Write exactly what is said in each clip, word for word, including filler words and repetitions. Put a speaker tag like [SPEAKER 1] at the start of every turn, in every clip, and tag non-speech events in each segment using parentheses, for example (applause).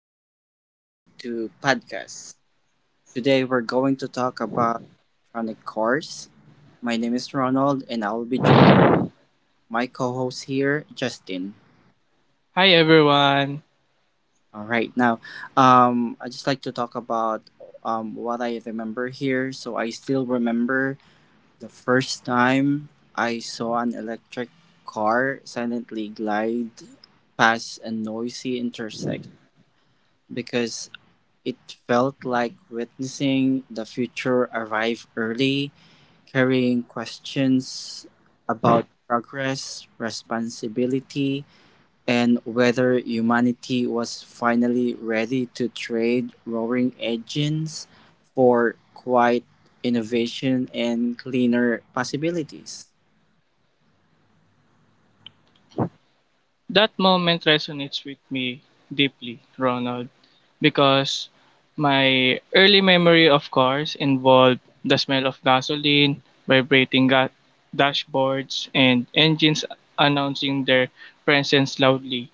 [SPEAKER 1] and welcome back to podcast. Today, we're going to talk about electronic cars. My name is Ronald, and I will be joined by my co-host here, Justin.
[SPEAKER 2] Hi everyone.
[SPEAKER 1] All right. Now, um, I just like to talk about um what I remember here. So I still remember the first time I saw an electric car silently glide past a noisy intersection because it felt like witnessing the future arrive early, carrying questions about progress, responsibility, and whether humanity was finally ready to trade roaring engines for quiet innovation and cleaner possibilities.
[SPEAKER 2] That moment resonates with me deeply, Ronald, because my early memory of cars involved the smell of gasoline, vibrating ga- dashboards, and engines announcing their presence loudly.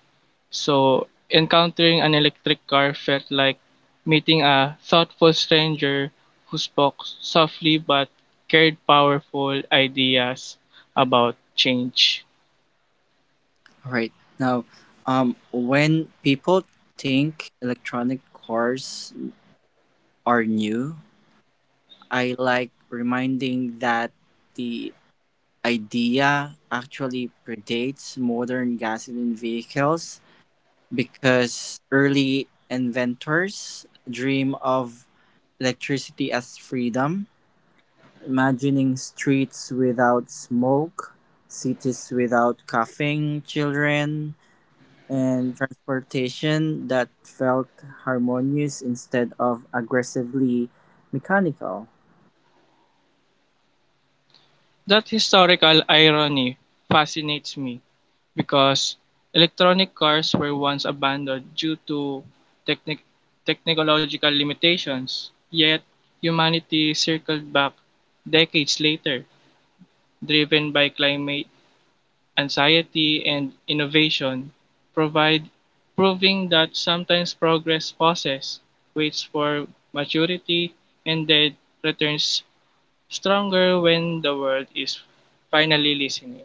[SPEAKER 2] So, encountering an electric car felt like meeting a thoughtful stranger who spoke softly but carried powerful ideas about change.
[SPEAKER 1] All right. Now, um, when people think electronic cars are new, I like reminding that the idea actually predates modern gasoline vehicles because early inventors dream of electricity as freedom, imagining streets without smoke, cities without coughing children, and transportation that felt harmonious instead of aggressively mechanical.
[SPEAKER 2] That historical irony fascinates me because electronic cars were once abandoned due to technic- technological limitations, yet humanity circled back decades later, driven by climate anxiety and innovation, provide proving that sometimes progress pauses, waits for maturity, and then returns stronger when the world is finally listening.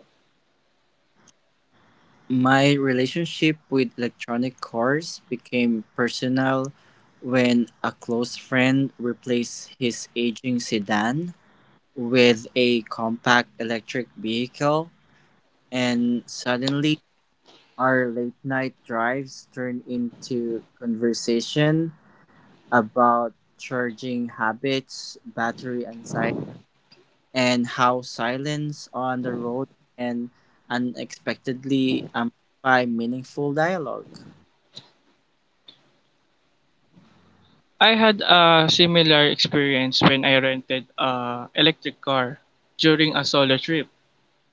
[SPEAKER 1] My relationship with electronic cars became personal when a close friend replaced his aging sedan with a compact electric vehicle, and suddenly our late night drives turned into conversation about charging habits, battery anxiety, and how silence on the road can unexpectedly amplify meaningful dialogue.
[SPEAKER 2] I had a similar experience when I rented a electric car during a solo trip,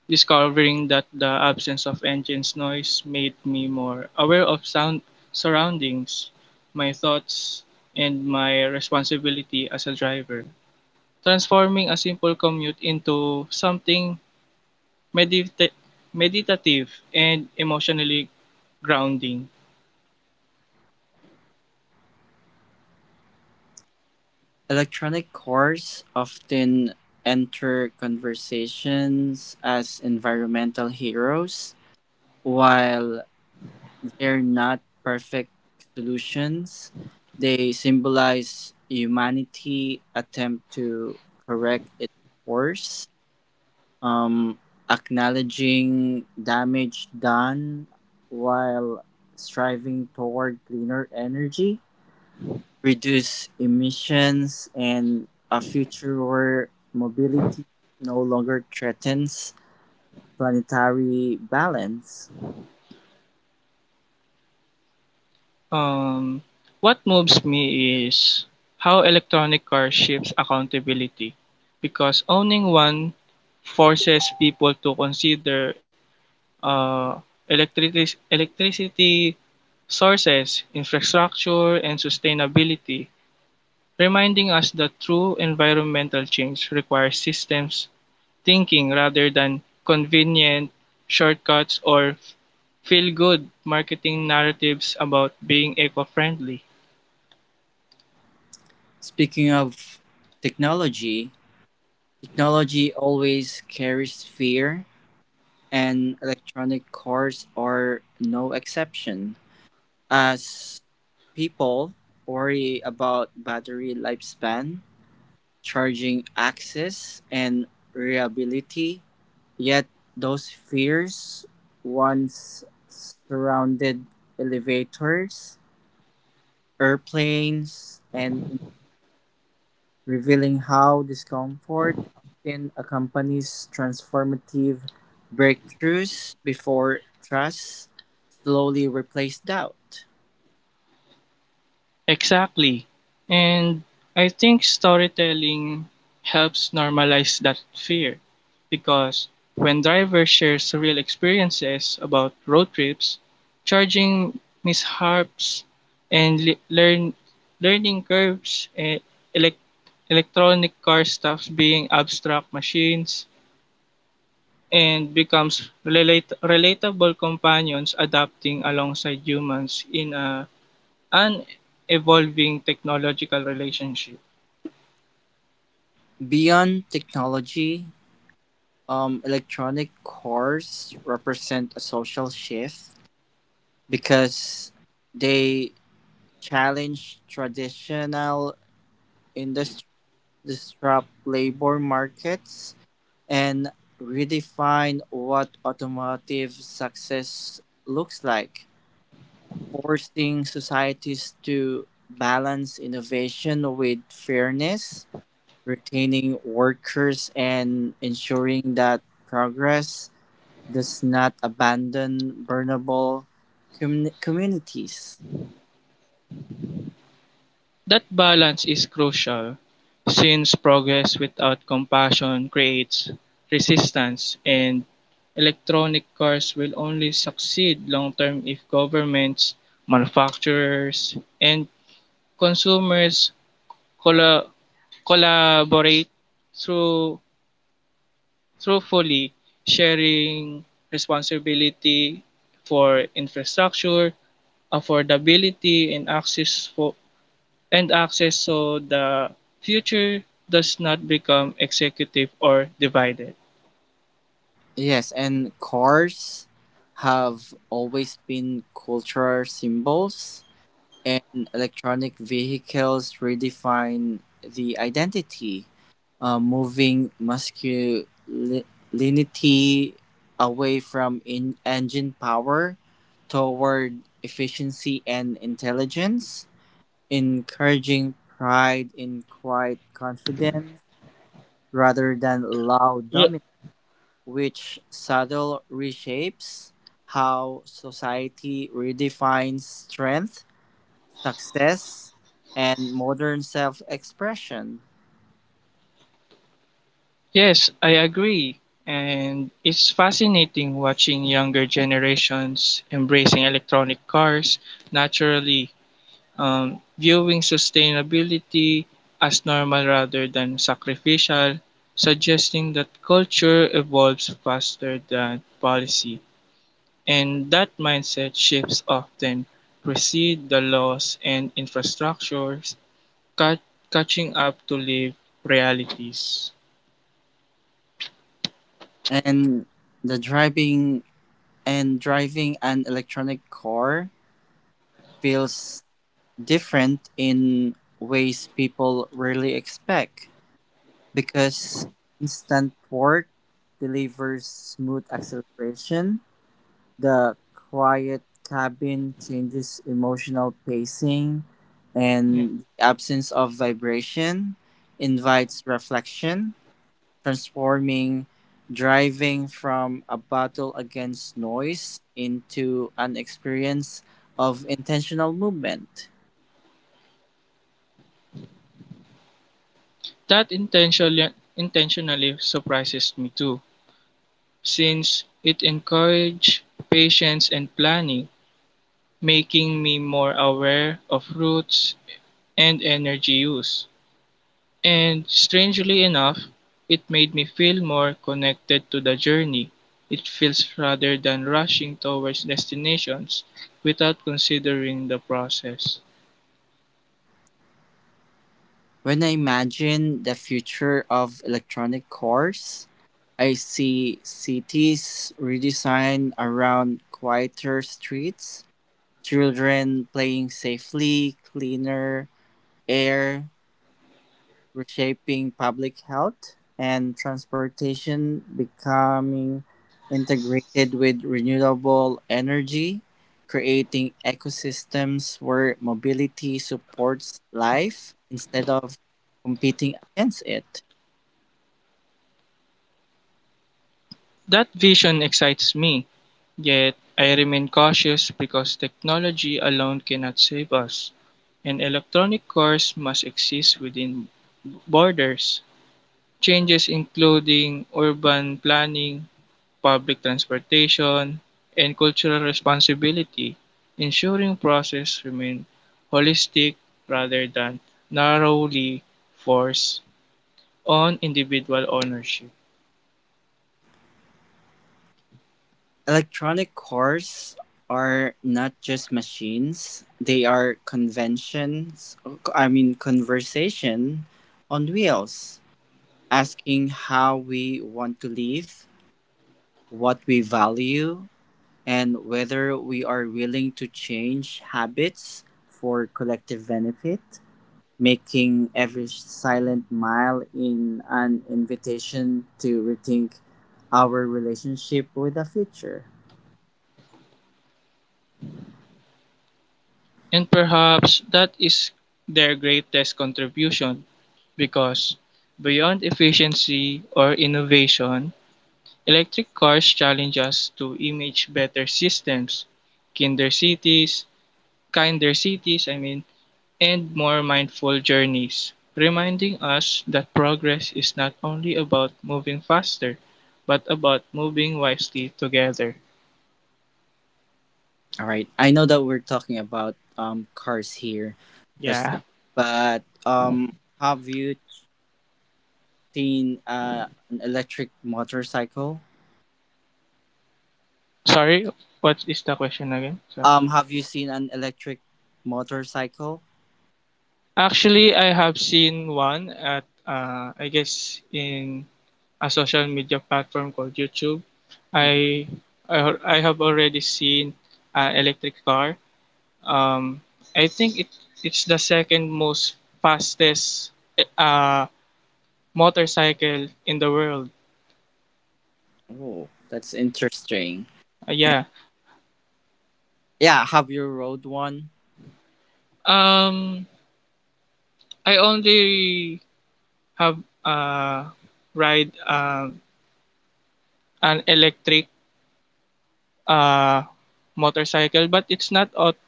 [SPEAKER 2] discovering that the absence of engine's noise made me more aware of sound surroundings, my thoughts, and my responsibility as a driver, transforming a simple commute into something medita- meditative and emotionally grounding.
[SPEAKER 1] Electronic cars often enter conversations as environmental heroes. While they're not perfect solutions, they symbolize humanity attempt to correct its course, um, acknowledging damage done while striving toward cleaner energy reduce emissions, and a future where mobility no longer threatens planetary balance.
[SPEAKER 2] Um, what moves me is how electronic cars shifts accountability because owning one forces people to consider uh, electric- electricity sources, infrastructure, and sustainability, reminding us that true environmental change requires systems thinking rather than convenient shortcuts or feel good marketing narratives about being eco friendly.
[SPEAKER 1] Speaking of technology, technology always carries fear, and electronic cars are no exception. As people worry about battery lifespan, charging access and reliability, yet those fears once surrounded elevators, airplanes, and revealing how discomfort often accompanies transformative breakthroughs before trust slowly replaced doubt.
[SPEAKER 2] Exactly. And I think storytelling helps normalize that fear because when drivers share real experiences about road trips, charging mishaps and le- learn learning curves, eh, elec electronic car stops being abstract machines and becomes relate- relatable companions adapting alongside humans in a an evolving technological relationship.
[SPEAKER 1] Beyond technology, um, electronic cars represent a social shift because they challenge traditional industry, disrupt labor markets, and redefine what automotive success looks like, forcing societies to balance innovation with fairness, retaining workers, and ensuring that progress does not abandon vulnerable commu- communities.
[SPEAKER 2] That balance is crucial since progress without compassion creates resistance and electronic cars will only succeed long term if governments, manufacturers, and consumers colla- collaborate through truthfully sharing responsibility for infrastructure, affordability and access for and access so the future does not become executive or divided.
[SPEAKER 1] Yes, and cars have always been cultural symbols, and electronic vehicles redefine the identity, uh, moving masculinity away from in- engine power toward efficiency and intelligence, encouraging pride in quiet confidence rather than loud dominance which subtle reshapes how society redefines strength, success, and modern self-expression.
[SPEAKER 2] Yes, I agree. And it's fascinating watching younger generations embracing electronic cars naturally, um, viewing sustainability as normal rather than sacrificial, suggesting that culture evolves faster than policy. And that mindset shifts often precede the laws and infrastructures cut catching up to live realities.
[SPEAKER 1] And the driving and driving an electronic car feels different in ways people rarely expect because instant torque delivers smooth acceleration. The quiet cabin changes emotional pacing,
[SPEAKER 2] Yeah.
[SPEAKER 1] and the absence of vibration invites reflection, transforming driving from a battle against noise into an experience of intentional movement.
[SPEAKER 2] That intentionally, intentionally surprises me too, since it encouraged patience and planning, making me more aware of routes and energy use. And strangely enough, it made me feel more connected to the journey. It feels rather than rushing towards destinations without considering the process.
[SPEAKER 1] When I imagine the future of electronic cars, I see cities redesigned around quieter streets, children playing safely, cleaner air, reshaping public health, and transportation becoming integrated with renewable energy, creating ecosystems where mobility supports life instead of competing against it.
[SPEAKER 2] That vision excites me, yet I remain cautious because technology alone cannot save us. An electronic course must exist within borders. Changes including urban planning, public transportation, and cultural responsibility, ensuring process remain holistic rather than narrowly forced on individual ownership.
[SPEAKER 1] Electronic cars are not just machines, they are conventions, I mean, conversation on wheels, asking how we want to live, what we value, and whether we are willing to change habits for collective benefit, making every silent mile in an invitation to rethink our relationship with the future.
[SPEAKER 2] And perhaps that is their greatest contribution because beyond efficiency or innovation, electric cars challenge us to image better systems, kinder cities, kinder cities, I mean, and more mindful journeys, reminding us that progress is not only about moving faster, but about moving wisely together.
[SPEAKER 1] All right. I know that we're talking about um cars here, just
[SPEAKER 2] Yeah.
[SPEAKER 1] but um have you seen uh, an electric motorcycle?
[SPEAKER 2] Sorry, what is the question again? So,
[SPEAKER 1] Um, have you seen an electric motorcycle?
[SPEAKER 2] actually, I have seen one at, uh, I guess, in a social media platform called YouTube.
[SPEAKER 1] Mhm.
[SPEAKER 2] I I, I have already seen an electric car. Um, I think it it's the second most fastest eh, uh, motorcycle in the world.
[SPEAKER 1] Oh, that's interesting.
[SPEAKER 2] Uh,
[SPEAKER 1] And
[SPEAKER 2] yeah.
[SPEAKER 1] yeah, have you rode one?
[SPEAKER 2] Um, I only have uh ride um an electric uh motorcycle, but it's not aut-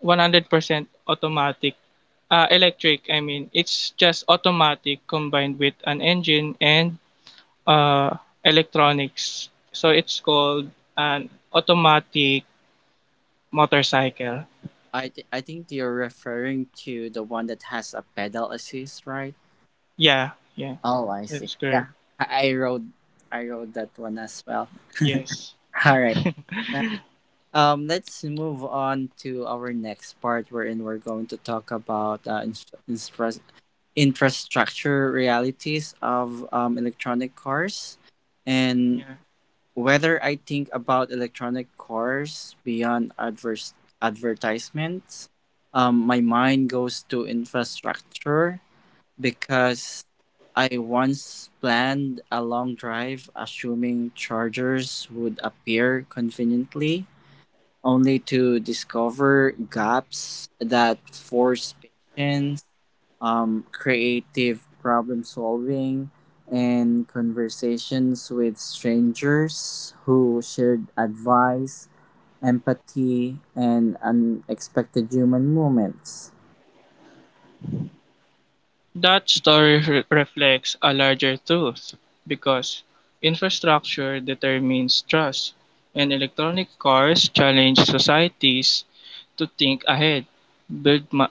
[SPEAKER 2] one hundred percent automatic. Uh, electric, I mean, it's just automatic combined with an engine and uh electronics. So it's called an automatic motorcycle.
[SPEAKER 1] I th- I think you're referring to the one that has a pedal assist, right?
[SPEAKER 2] Yeah, yeah,
[SPEAKER 1] Oh, I
[SPEAKER 2] that
[SPEAKER 1] see.
[SPEAKER 2] is correct.
[SPEAKER 1] Yeah, I, I rode I rode that one as well.
[SPEAKER 2] Yes.
[SPEAKER 1] All right. Um, let's move on to our next part, wherein we're going to talk about uh, inst- instra- infrastructure realities of um, electronic cars and
[SPEAKER 2] Yeah.
[SPEAKER 1] whether I think about electronic cars beyond adverse advertisements. Um, my mind goes to infrastructure because I once planned a long drive assuming chargers would appear conveniently only to discover gaps that force patience, um, creative problem solving, and conversations with strangers who shared advice, empathy, and unexpected human moments.
[SPEAKER 2] That story re- reflects a larger truth because infrastructure determines trust, and electronic cars challenge societies to think ahead, build, ma-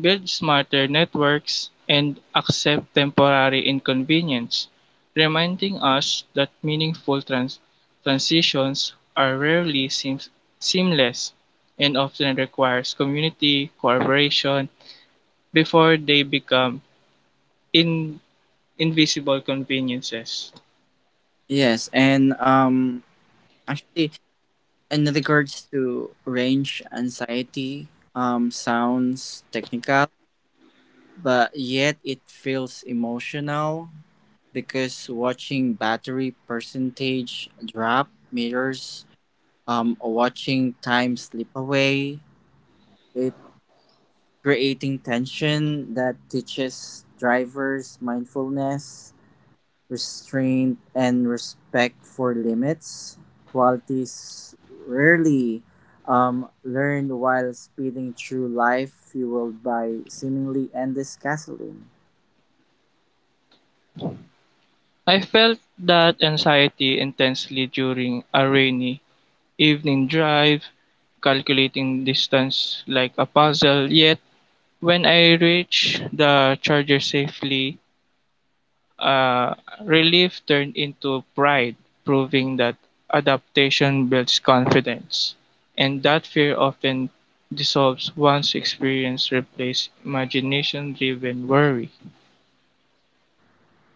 [SPEAKER 2] build smarter networks, and accept temporary inconvenience, reminding us that meaningful trans- transitions are rarely seem- seamless and often requires community cooperation before they become in invisible conveniences.
[SPEAKER 1] Yes, and um, actually, in regards to range anxiety, um, sounds technical, but yet it feels emotional because watching battery percentage drop mirrors um watching time slip away, it creating tension that teaches drivers mindfulness, restraint and respect for limits, qualities rarely um, learned while speeding through life fueled by seemingly endless gasoline.
[SPEAKER 2] I felt that anxiety intensely during a rainy evening drive, calculating distance like a puzzle. Yet, when I reached the charger safely, uh, relief turned into pride, proving that adaptation builds confidence. And that fear often dissolves once experience replaces imagination driven worry.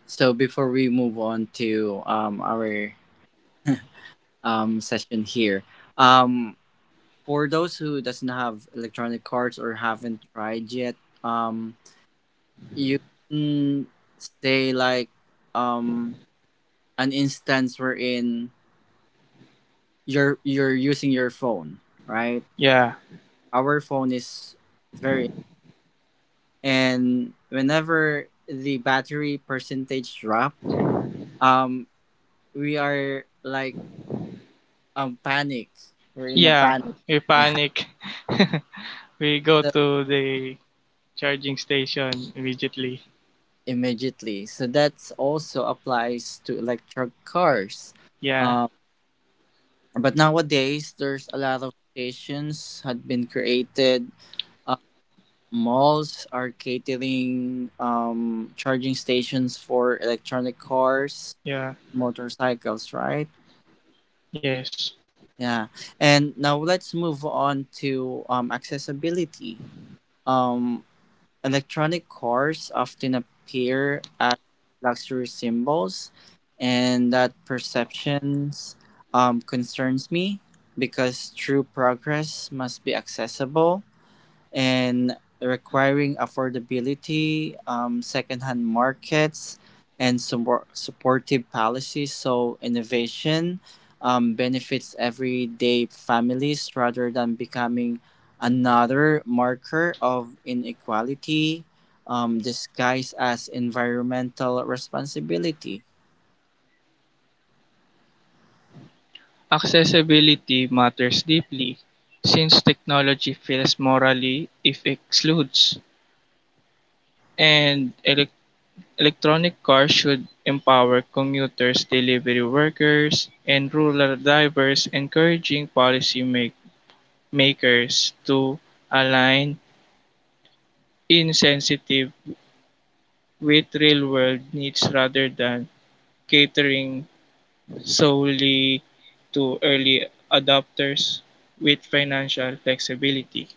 [SPEAKER 1] So before we move on to um, our um, session here. Um, for those who doesn't have electronic cards or haven't tried yet, um, you can say like um, an instance wherein you're you're using your phone, right?
[SPEAKER 2] Yeah.
[SPEAKER 1] Our phone is very, and whenever the battery percentage drop, um, we are like um panic. We're in a
[SPEAKER 2] Yeah,
[SPEAKER 1] panic.
[SPEAKER 2] we
[SPEAKER 1] Yeah.
[SPEAKER 2] panic. (laughs) We go
[SPEAKER 1] (laughs)
[SPEAKER 2] to the charging station immediately.
[SPEAKER 1] Immediately. So that's also applies to electric cars.
[SPEAKER 2] Yeah,
[SPEAKER 1] Um, but nowadays, there's a lot of stations had been created. Uh, malls are catering um, charging stations for electronic cars,
[SPEAKER 2] yeah,
[SPEAKER 1] motorcycles, right?
[SPEAKER 2] yes.
[SPEAKER 1] Yeah. And now let's move on to um, accessibility. Um, Electronic cars often appear as luxury symbols, and that perceptions um, concerns me because true progress must be accessible and requiring affordability, um, secondhand markets, and support supportive policies. So innovation um, benefits everyday families rather than becoming another marker of inequality, um, disguised as environmental responsibility.
[SPEAKER 2] Accessibility matters deeply since technology fails morally if excludes, and elec- electronic cars should empower commuters, delivery workers, and rural drivers, encouraging policy make- makers to align insensitive with real-world needs rather than catering solely to early adopters with financial flexibility.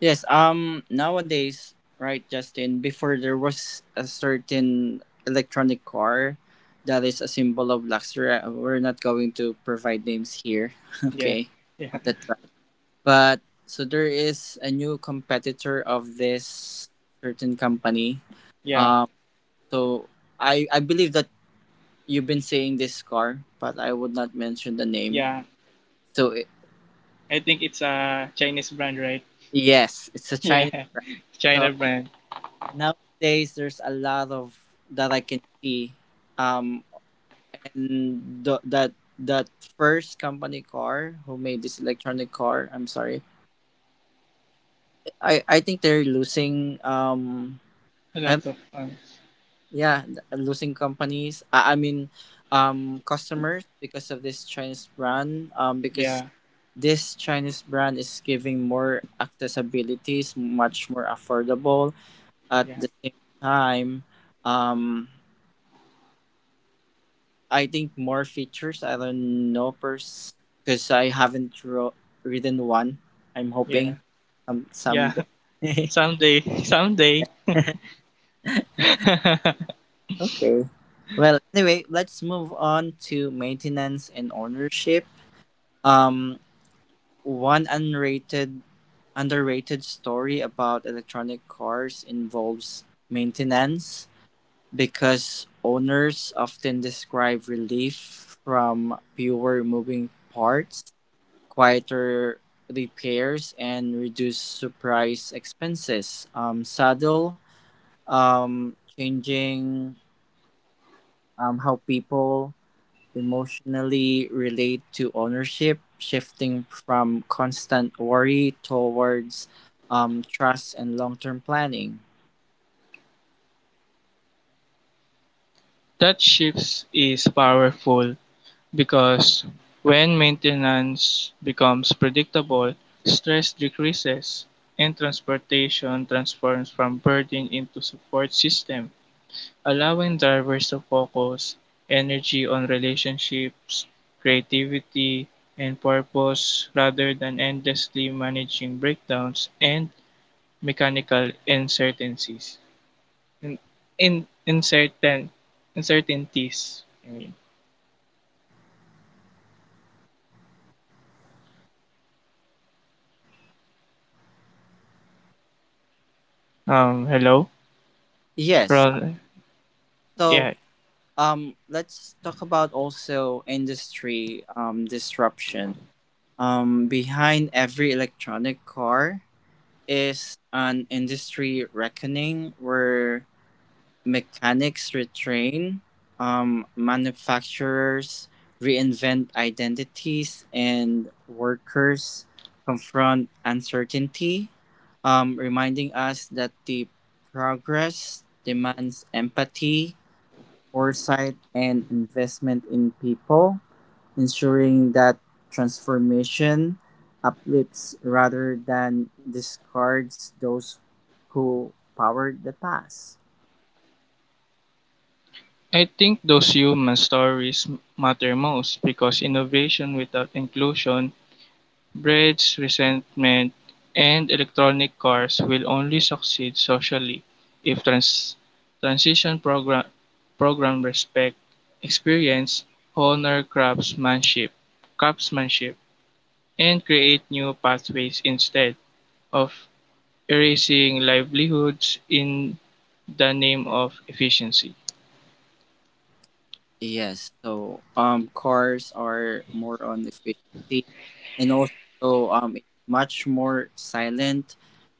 [SPEAKER 1] Yes, um nowadays, right, Justin, before there was a certain electronic car that is a symbol of luxury. Uh, We're not going to provide names here, (laughs)
[SPEAKER 2] Yeah,
[SPEAKER 1] okay,
[SPEAKER 2] yeah,
[SPEAKER 1] of that brand. But so there is a new competitor of this certain company.
[SPEAKER 2] yeah,
[SPEAKER 1] Um so I I believe that you've been seeing this car, but I would not mention the name.
[SPEAKER 2] yeah.
[SPEAKER 1] So it,
[SPEAKER 2] I
[SPEAKER 1] it,
[SPEAKER 2] think it's a Chinese brand, right? (laughs)
[SPEAKER 1] yes, it's a
[SPEAKER 2] Yeah,
[SPEAKER 1] Chinese brand.
[SPEAKER 2] China
[SPEAKER 1] So,
[SPEAKER 2] brand.
[SPEAKER 1] nowadays there's a lot of that I can see. Um, and th- that that first company car who made this electronic car, I'm sorry, I I think they're losing um
[SPEAKER 2] A
[SPEAKER 1] I
[SPEAKER 2] lot of um,
[SPEAKER 1] yeah, th- losing companies. I, I mean um customers because of this Chinese brand. Um, because
[SPEAKER 2] yeah,
[SPEAKER 1] this Chinese brand is giving more accessibilities, much more affordable at
[SPEAKER 2] yeah,
[SPEAKER 1] the same time. Um, I think more features. I don't know, pers because I haven't ro- written one. I'm
[SPEAKER 2] yeah,
[SPEAKER 1] hoping some
[SPEAKER 2] yeah.
[SPEAKER 1] someday.
[SPEAKER 2] (laughs)
[SPEAKER 1] (laughs)
[SPEAKER 2] Someday, (laughs) someday. (laughs)
[SPEAKER 1] Okay. Well, anyway, let's move on to maintenance and ownership. Um, one unrated, underrated story about electronic cars involves maintenance because owners often describe relief from fewer moving parts, quieter repairs and reduce surprise expenses. Um, saddle, um, changing um, how people emotionally relate to ownership, shifting from constant worry towards um, trust and long term planning.
[SPEAKER 2] That shift is powerful. Because when maintenance becomes predictable, stress decreases, and transportation transforms from burden into support system, allowing drivers to focus energy on relationships, creativity, and purpose rather than endlessly managing breakdowns and mechanical uncertainties. In, in, uncertain, uncertainties. I mean. Um, hello?
[SPEAKER 1] Yes.
[SPEAKER 2] Ron,
[SPEAKER 1] So
[SPEAKER 2] yeah,
[SPEAKER 1] um, let's talk about also industry um, disruption. Um, behind every electronic car is an industry reckoning where mechanics retrain, um, manufacturers reinvent identities, and workers confront uncertainty, um, reminding us that the progress demands empathy, foresight, and investment in people ensuring that transformation uplifts rather than discards those who powered the past.
[SPEAKER 2] I think those human stories matter most because innovation without inclusion breeds resentment, and electronic cars will only succeed socially if trans- transition program program respect experience, honor craftsmanship, craftsmanship, and create new pathways instead of erasing livelihoods in the name of efficiency.
[SPEAKER 1] Yes, so um, cars are more on efficiency, and also um, it's much more silent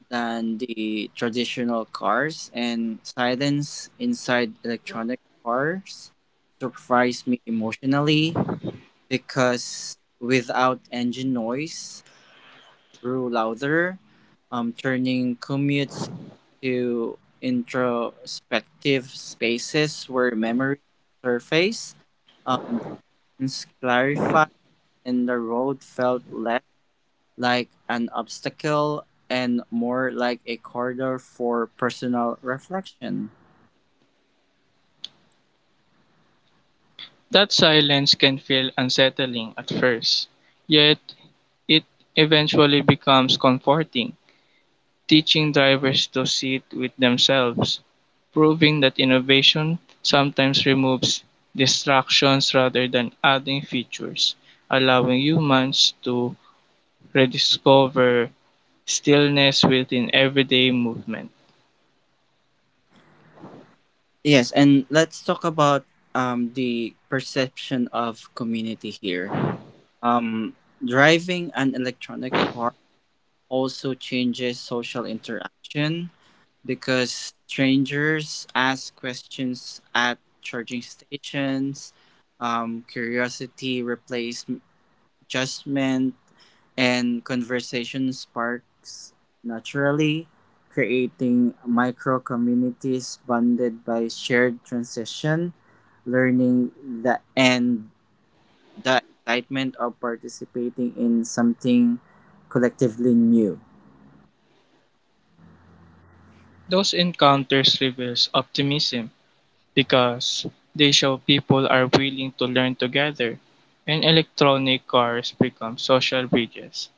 [SPEAKER 1] than the traditional cars, and silence inside electronic cars surprised me emotionally because without engine noise, grew louder, um, turning commutes into introspective spaces where memories surface, um, distance clarified, and the road felt less like an obstacle and more like a corridor for personal reflection.
[SPEAKER 2] That silence can feel unsettling at first, yet it eventually becomes comforting, teaching drivers to sit with themselves, proving that innovation sometimes removes distractions rather than adding features, allowing humans to rediscover stillness within everyday movement.
[SPEAKER 1] Yes, and let's talk about um, the perception of community here. Um, driving an electronic car also changes social interaction because strangers ask questions at charging stations. Um, curiosity replaces judgment, and conversation sparks naturally, creating micro communities bonded by shared transition, learning the and the excitement of participating in something collectively new.
[SPEAKER 2] Those encounters reveals optimism. Because they show people are willing to learn together, and electronic cars become social bridges,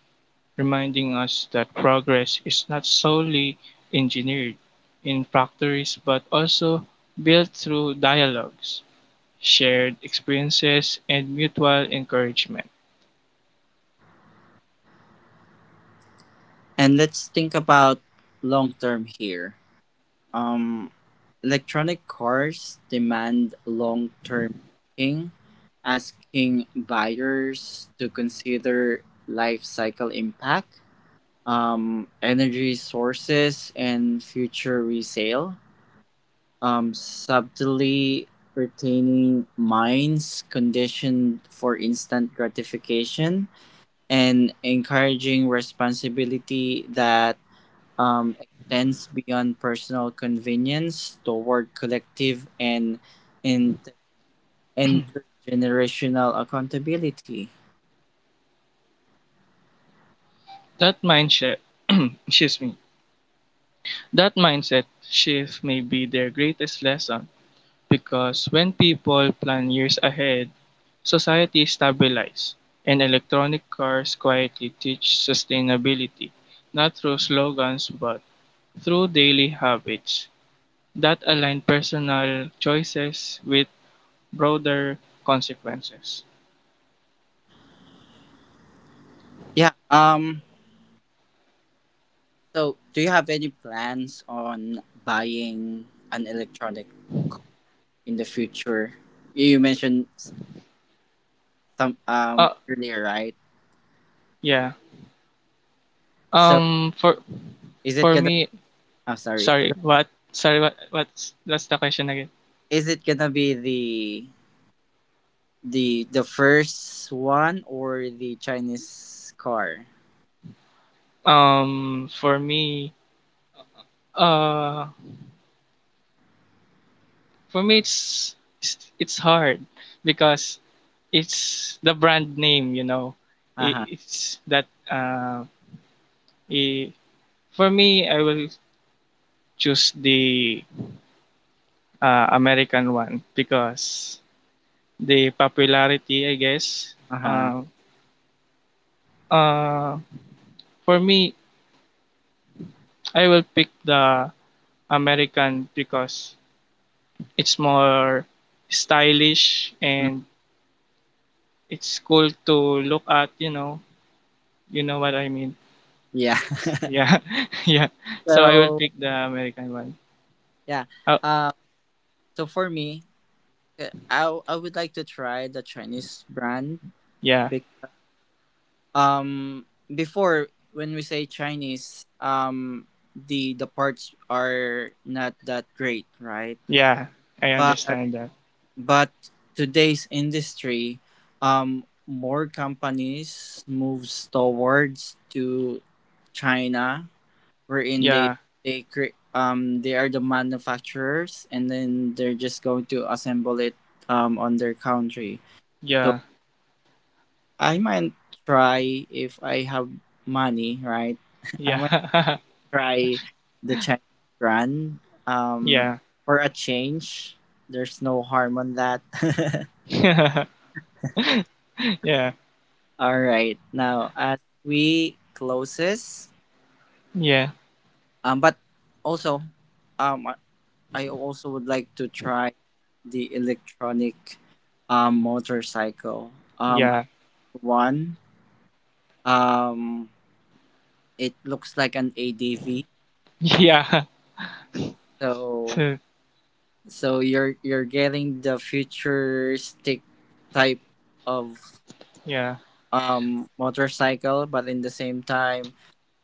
[SPEAKER 2] reminding us that progress is not solely engineered in factories but also built through dialogues, shared experiences, and mutual encouragement.
[SPEAKER 1] And let's think about long term here. Um, electronic cars demand long term thinking, asking buyers to consider life cycle impact, um, energy sources, and future resale. Um, subtly retaining minds conditioned for instant gratification and encouraging responsibility that um, extends beyond personal convenience toward collective and inter- intergenerational accountability.
[SPEAKER 2] That mindset, (clears throat) excuse me, that mindset shift may be their greatest lesson. Because when people plan years ahead, society stabilizes, and electronic cars quietly teach sustainability, not through slogans but through daily habits that align personal choices with broader consequences.
[SPEAKER 1] Yeah. Um. So, do you have any plans on buying an electronic car in the future? You mentioned s- some
[SPEAKER 2] Uh
[SPEAKER 1] um earlier, right?
[SPEAKER 2] yeah.
[SPEAKER 1] So,
[SPEAKER 2] Um for
[SPEAKER 1] is it
[SPEAKER 2] for
[SPEAKER 1] gonna?
[SPEAKER 2] me
[SPEAKER 1] I'm sorry.
[SPEAKER 2] Sorry, what sorry, what what's that's the question again.
[SPEAKER 1] Is it gonna be the the the first one or the Chinese car?
[SPEAKER 2] Um for me uh for me, it's it's, it's hard because it's the brand name, you know.
[SPEAKER 1] Uh huh.
[SPEAKER 2] I- It's that uh, i- for me, I will choose the uh, American one because the popularity, I guess.
[SPEAKER 1] Uh huh.
[SPEAKER 2] Uh, uh, for me, I will pick the American because it's more stylish and it's cool to look at. You know, you know what I mean.
[SPEAKER 1] Yeah.
[SPEAKER 2] Yeah, (laughs) yeah.
[SPEAKER 1] (laughs)
[SPEAKER 2] So I will
[SPEAKER 1] So
[SPEAKER 2] pick the American one.
[SPEAKER 1] yeah.
[SPEAKER 2] Oh,
[SPEAKER 1] Um. So for me, uh, I w- I would like to try the Chinese brand.
[SPEAKER 2] yeah.
[SPEAKER 1] Because, um, before when we say Chinese, um, the the parts are not that great, right?
[SPEAKER 2] Yeah, I
[SPEAKER 1] But
[SPEAKER 2] understand that.
[SPEAKER 1] but today's industry, um, more companies moves towards to China wherein they
[SPEAKER 2] Yeah,
[SPEAKER 1] they cre- um they are the manufacturers and then they're just going to assemble it um on their country, so
[SPEAKER 2] yeah,
[SPEAKER 1] I might try if I have money, right? (laughs) I might
[SPEAKER 2] yeah, (laughs)
[SPEAKER 1] try the Chinese brand, um
[SPEAKER 2] yeah,
[SPEAKER 1] for a change. There's no harm on that. (laughs)
[SPEAKER 2] (laughs) yeah,
[SPEAKER 1] All right, now as we closes,
[SPEAKER 2] yeah,
[SPEAKER 1] um but also um I also would like to try the electronic um motorcycle. Um I-
[SPEAKER 2] yeah,
[SPEAKER 1] one um it looks like an A D V.
[SPEAKER 2] yeah,
[SPEAKER 1] So
[SPEAKER 2] (laughs)
[SPEAKER 1] so you're you're getting the futuristic type of
[SPEAKER 2] yeah, yeah,
[SPEAKER 1] um motorcycle but in the same time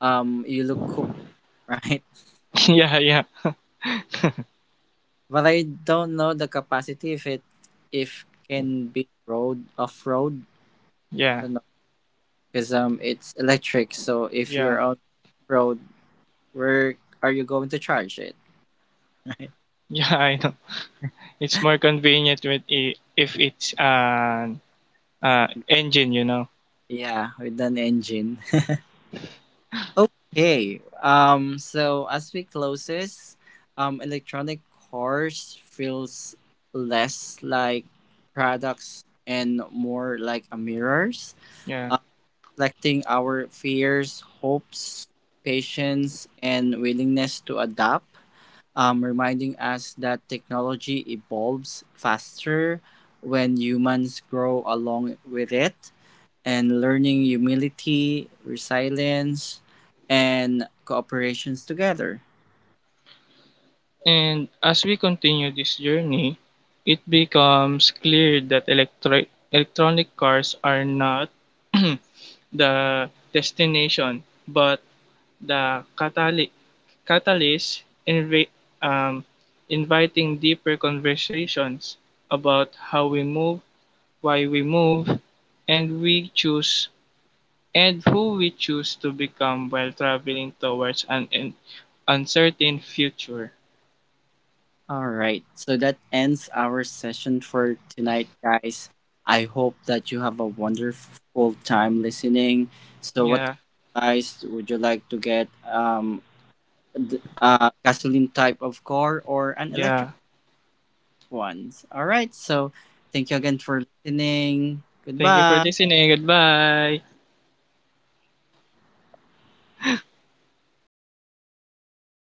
[SPEAKER 1] um you look cool, (laughs) right?
[SPEAKER 2] (laughs) yeah, yeah, (laughs)
[SPEAKER 1] But I don't know the capacity if it if can be road off road. I
[SPEAKER 2] yeah,
[SPEAKER 1] don't. Because um, it's electric. So if you're
[SPEAKER 2] yeah.
[SPEAKER 1] on road, where are you going to charge it? (laughs) Right.
[SPEAKER 2] Yeah. I know. It's more convenient with i- if it's an uh, engine, you know.
[SPEAKER 1] Yeah, with an engine. (laughs) Okay. Um, so as we close this, um, electronic cars feels less like products and more like a mirrors,
[SPEAKER 2] Yeah.
[SPEAKER 1] uh, reflecting our fears, hopes, patience, and willingness to adapt, um, reminding us that technology evolves faster when humans grow along with it and learning humility, resilience, and cooperations together.
[SPEAKER 2] And as we continue this journey, it becomes clear that electri- electronic cars are not (clears throat) the destination, but the catali- catalyst invi- um, inviting deeper conversations about how we move, why we move, and we choose and who we choose to become while traveling towards an un- uncertain future.
[SPEAKER 1] All right, so that ends our session for tonight, guys. I hope that you have a wonderful time listening. So, what do
[SPEAKER 2] Yeah,
[SPEAKER 1] you guys would you like to get? Um, th- uh, gasoline type of car or an electric
[SPEAKER 2] yeah.
[SPEAKER 1] ones? All right. So thank you again for listening.
[SPEAKER 2] Thank you for
[SPEAKER 1] Goodbye.
[SPEAKER 2] listening. Goodbye.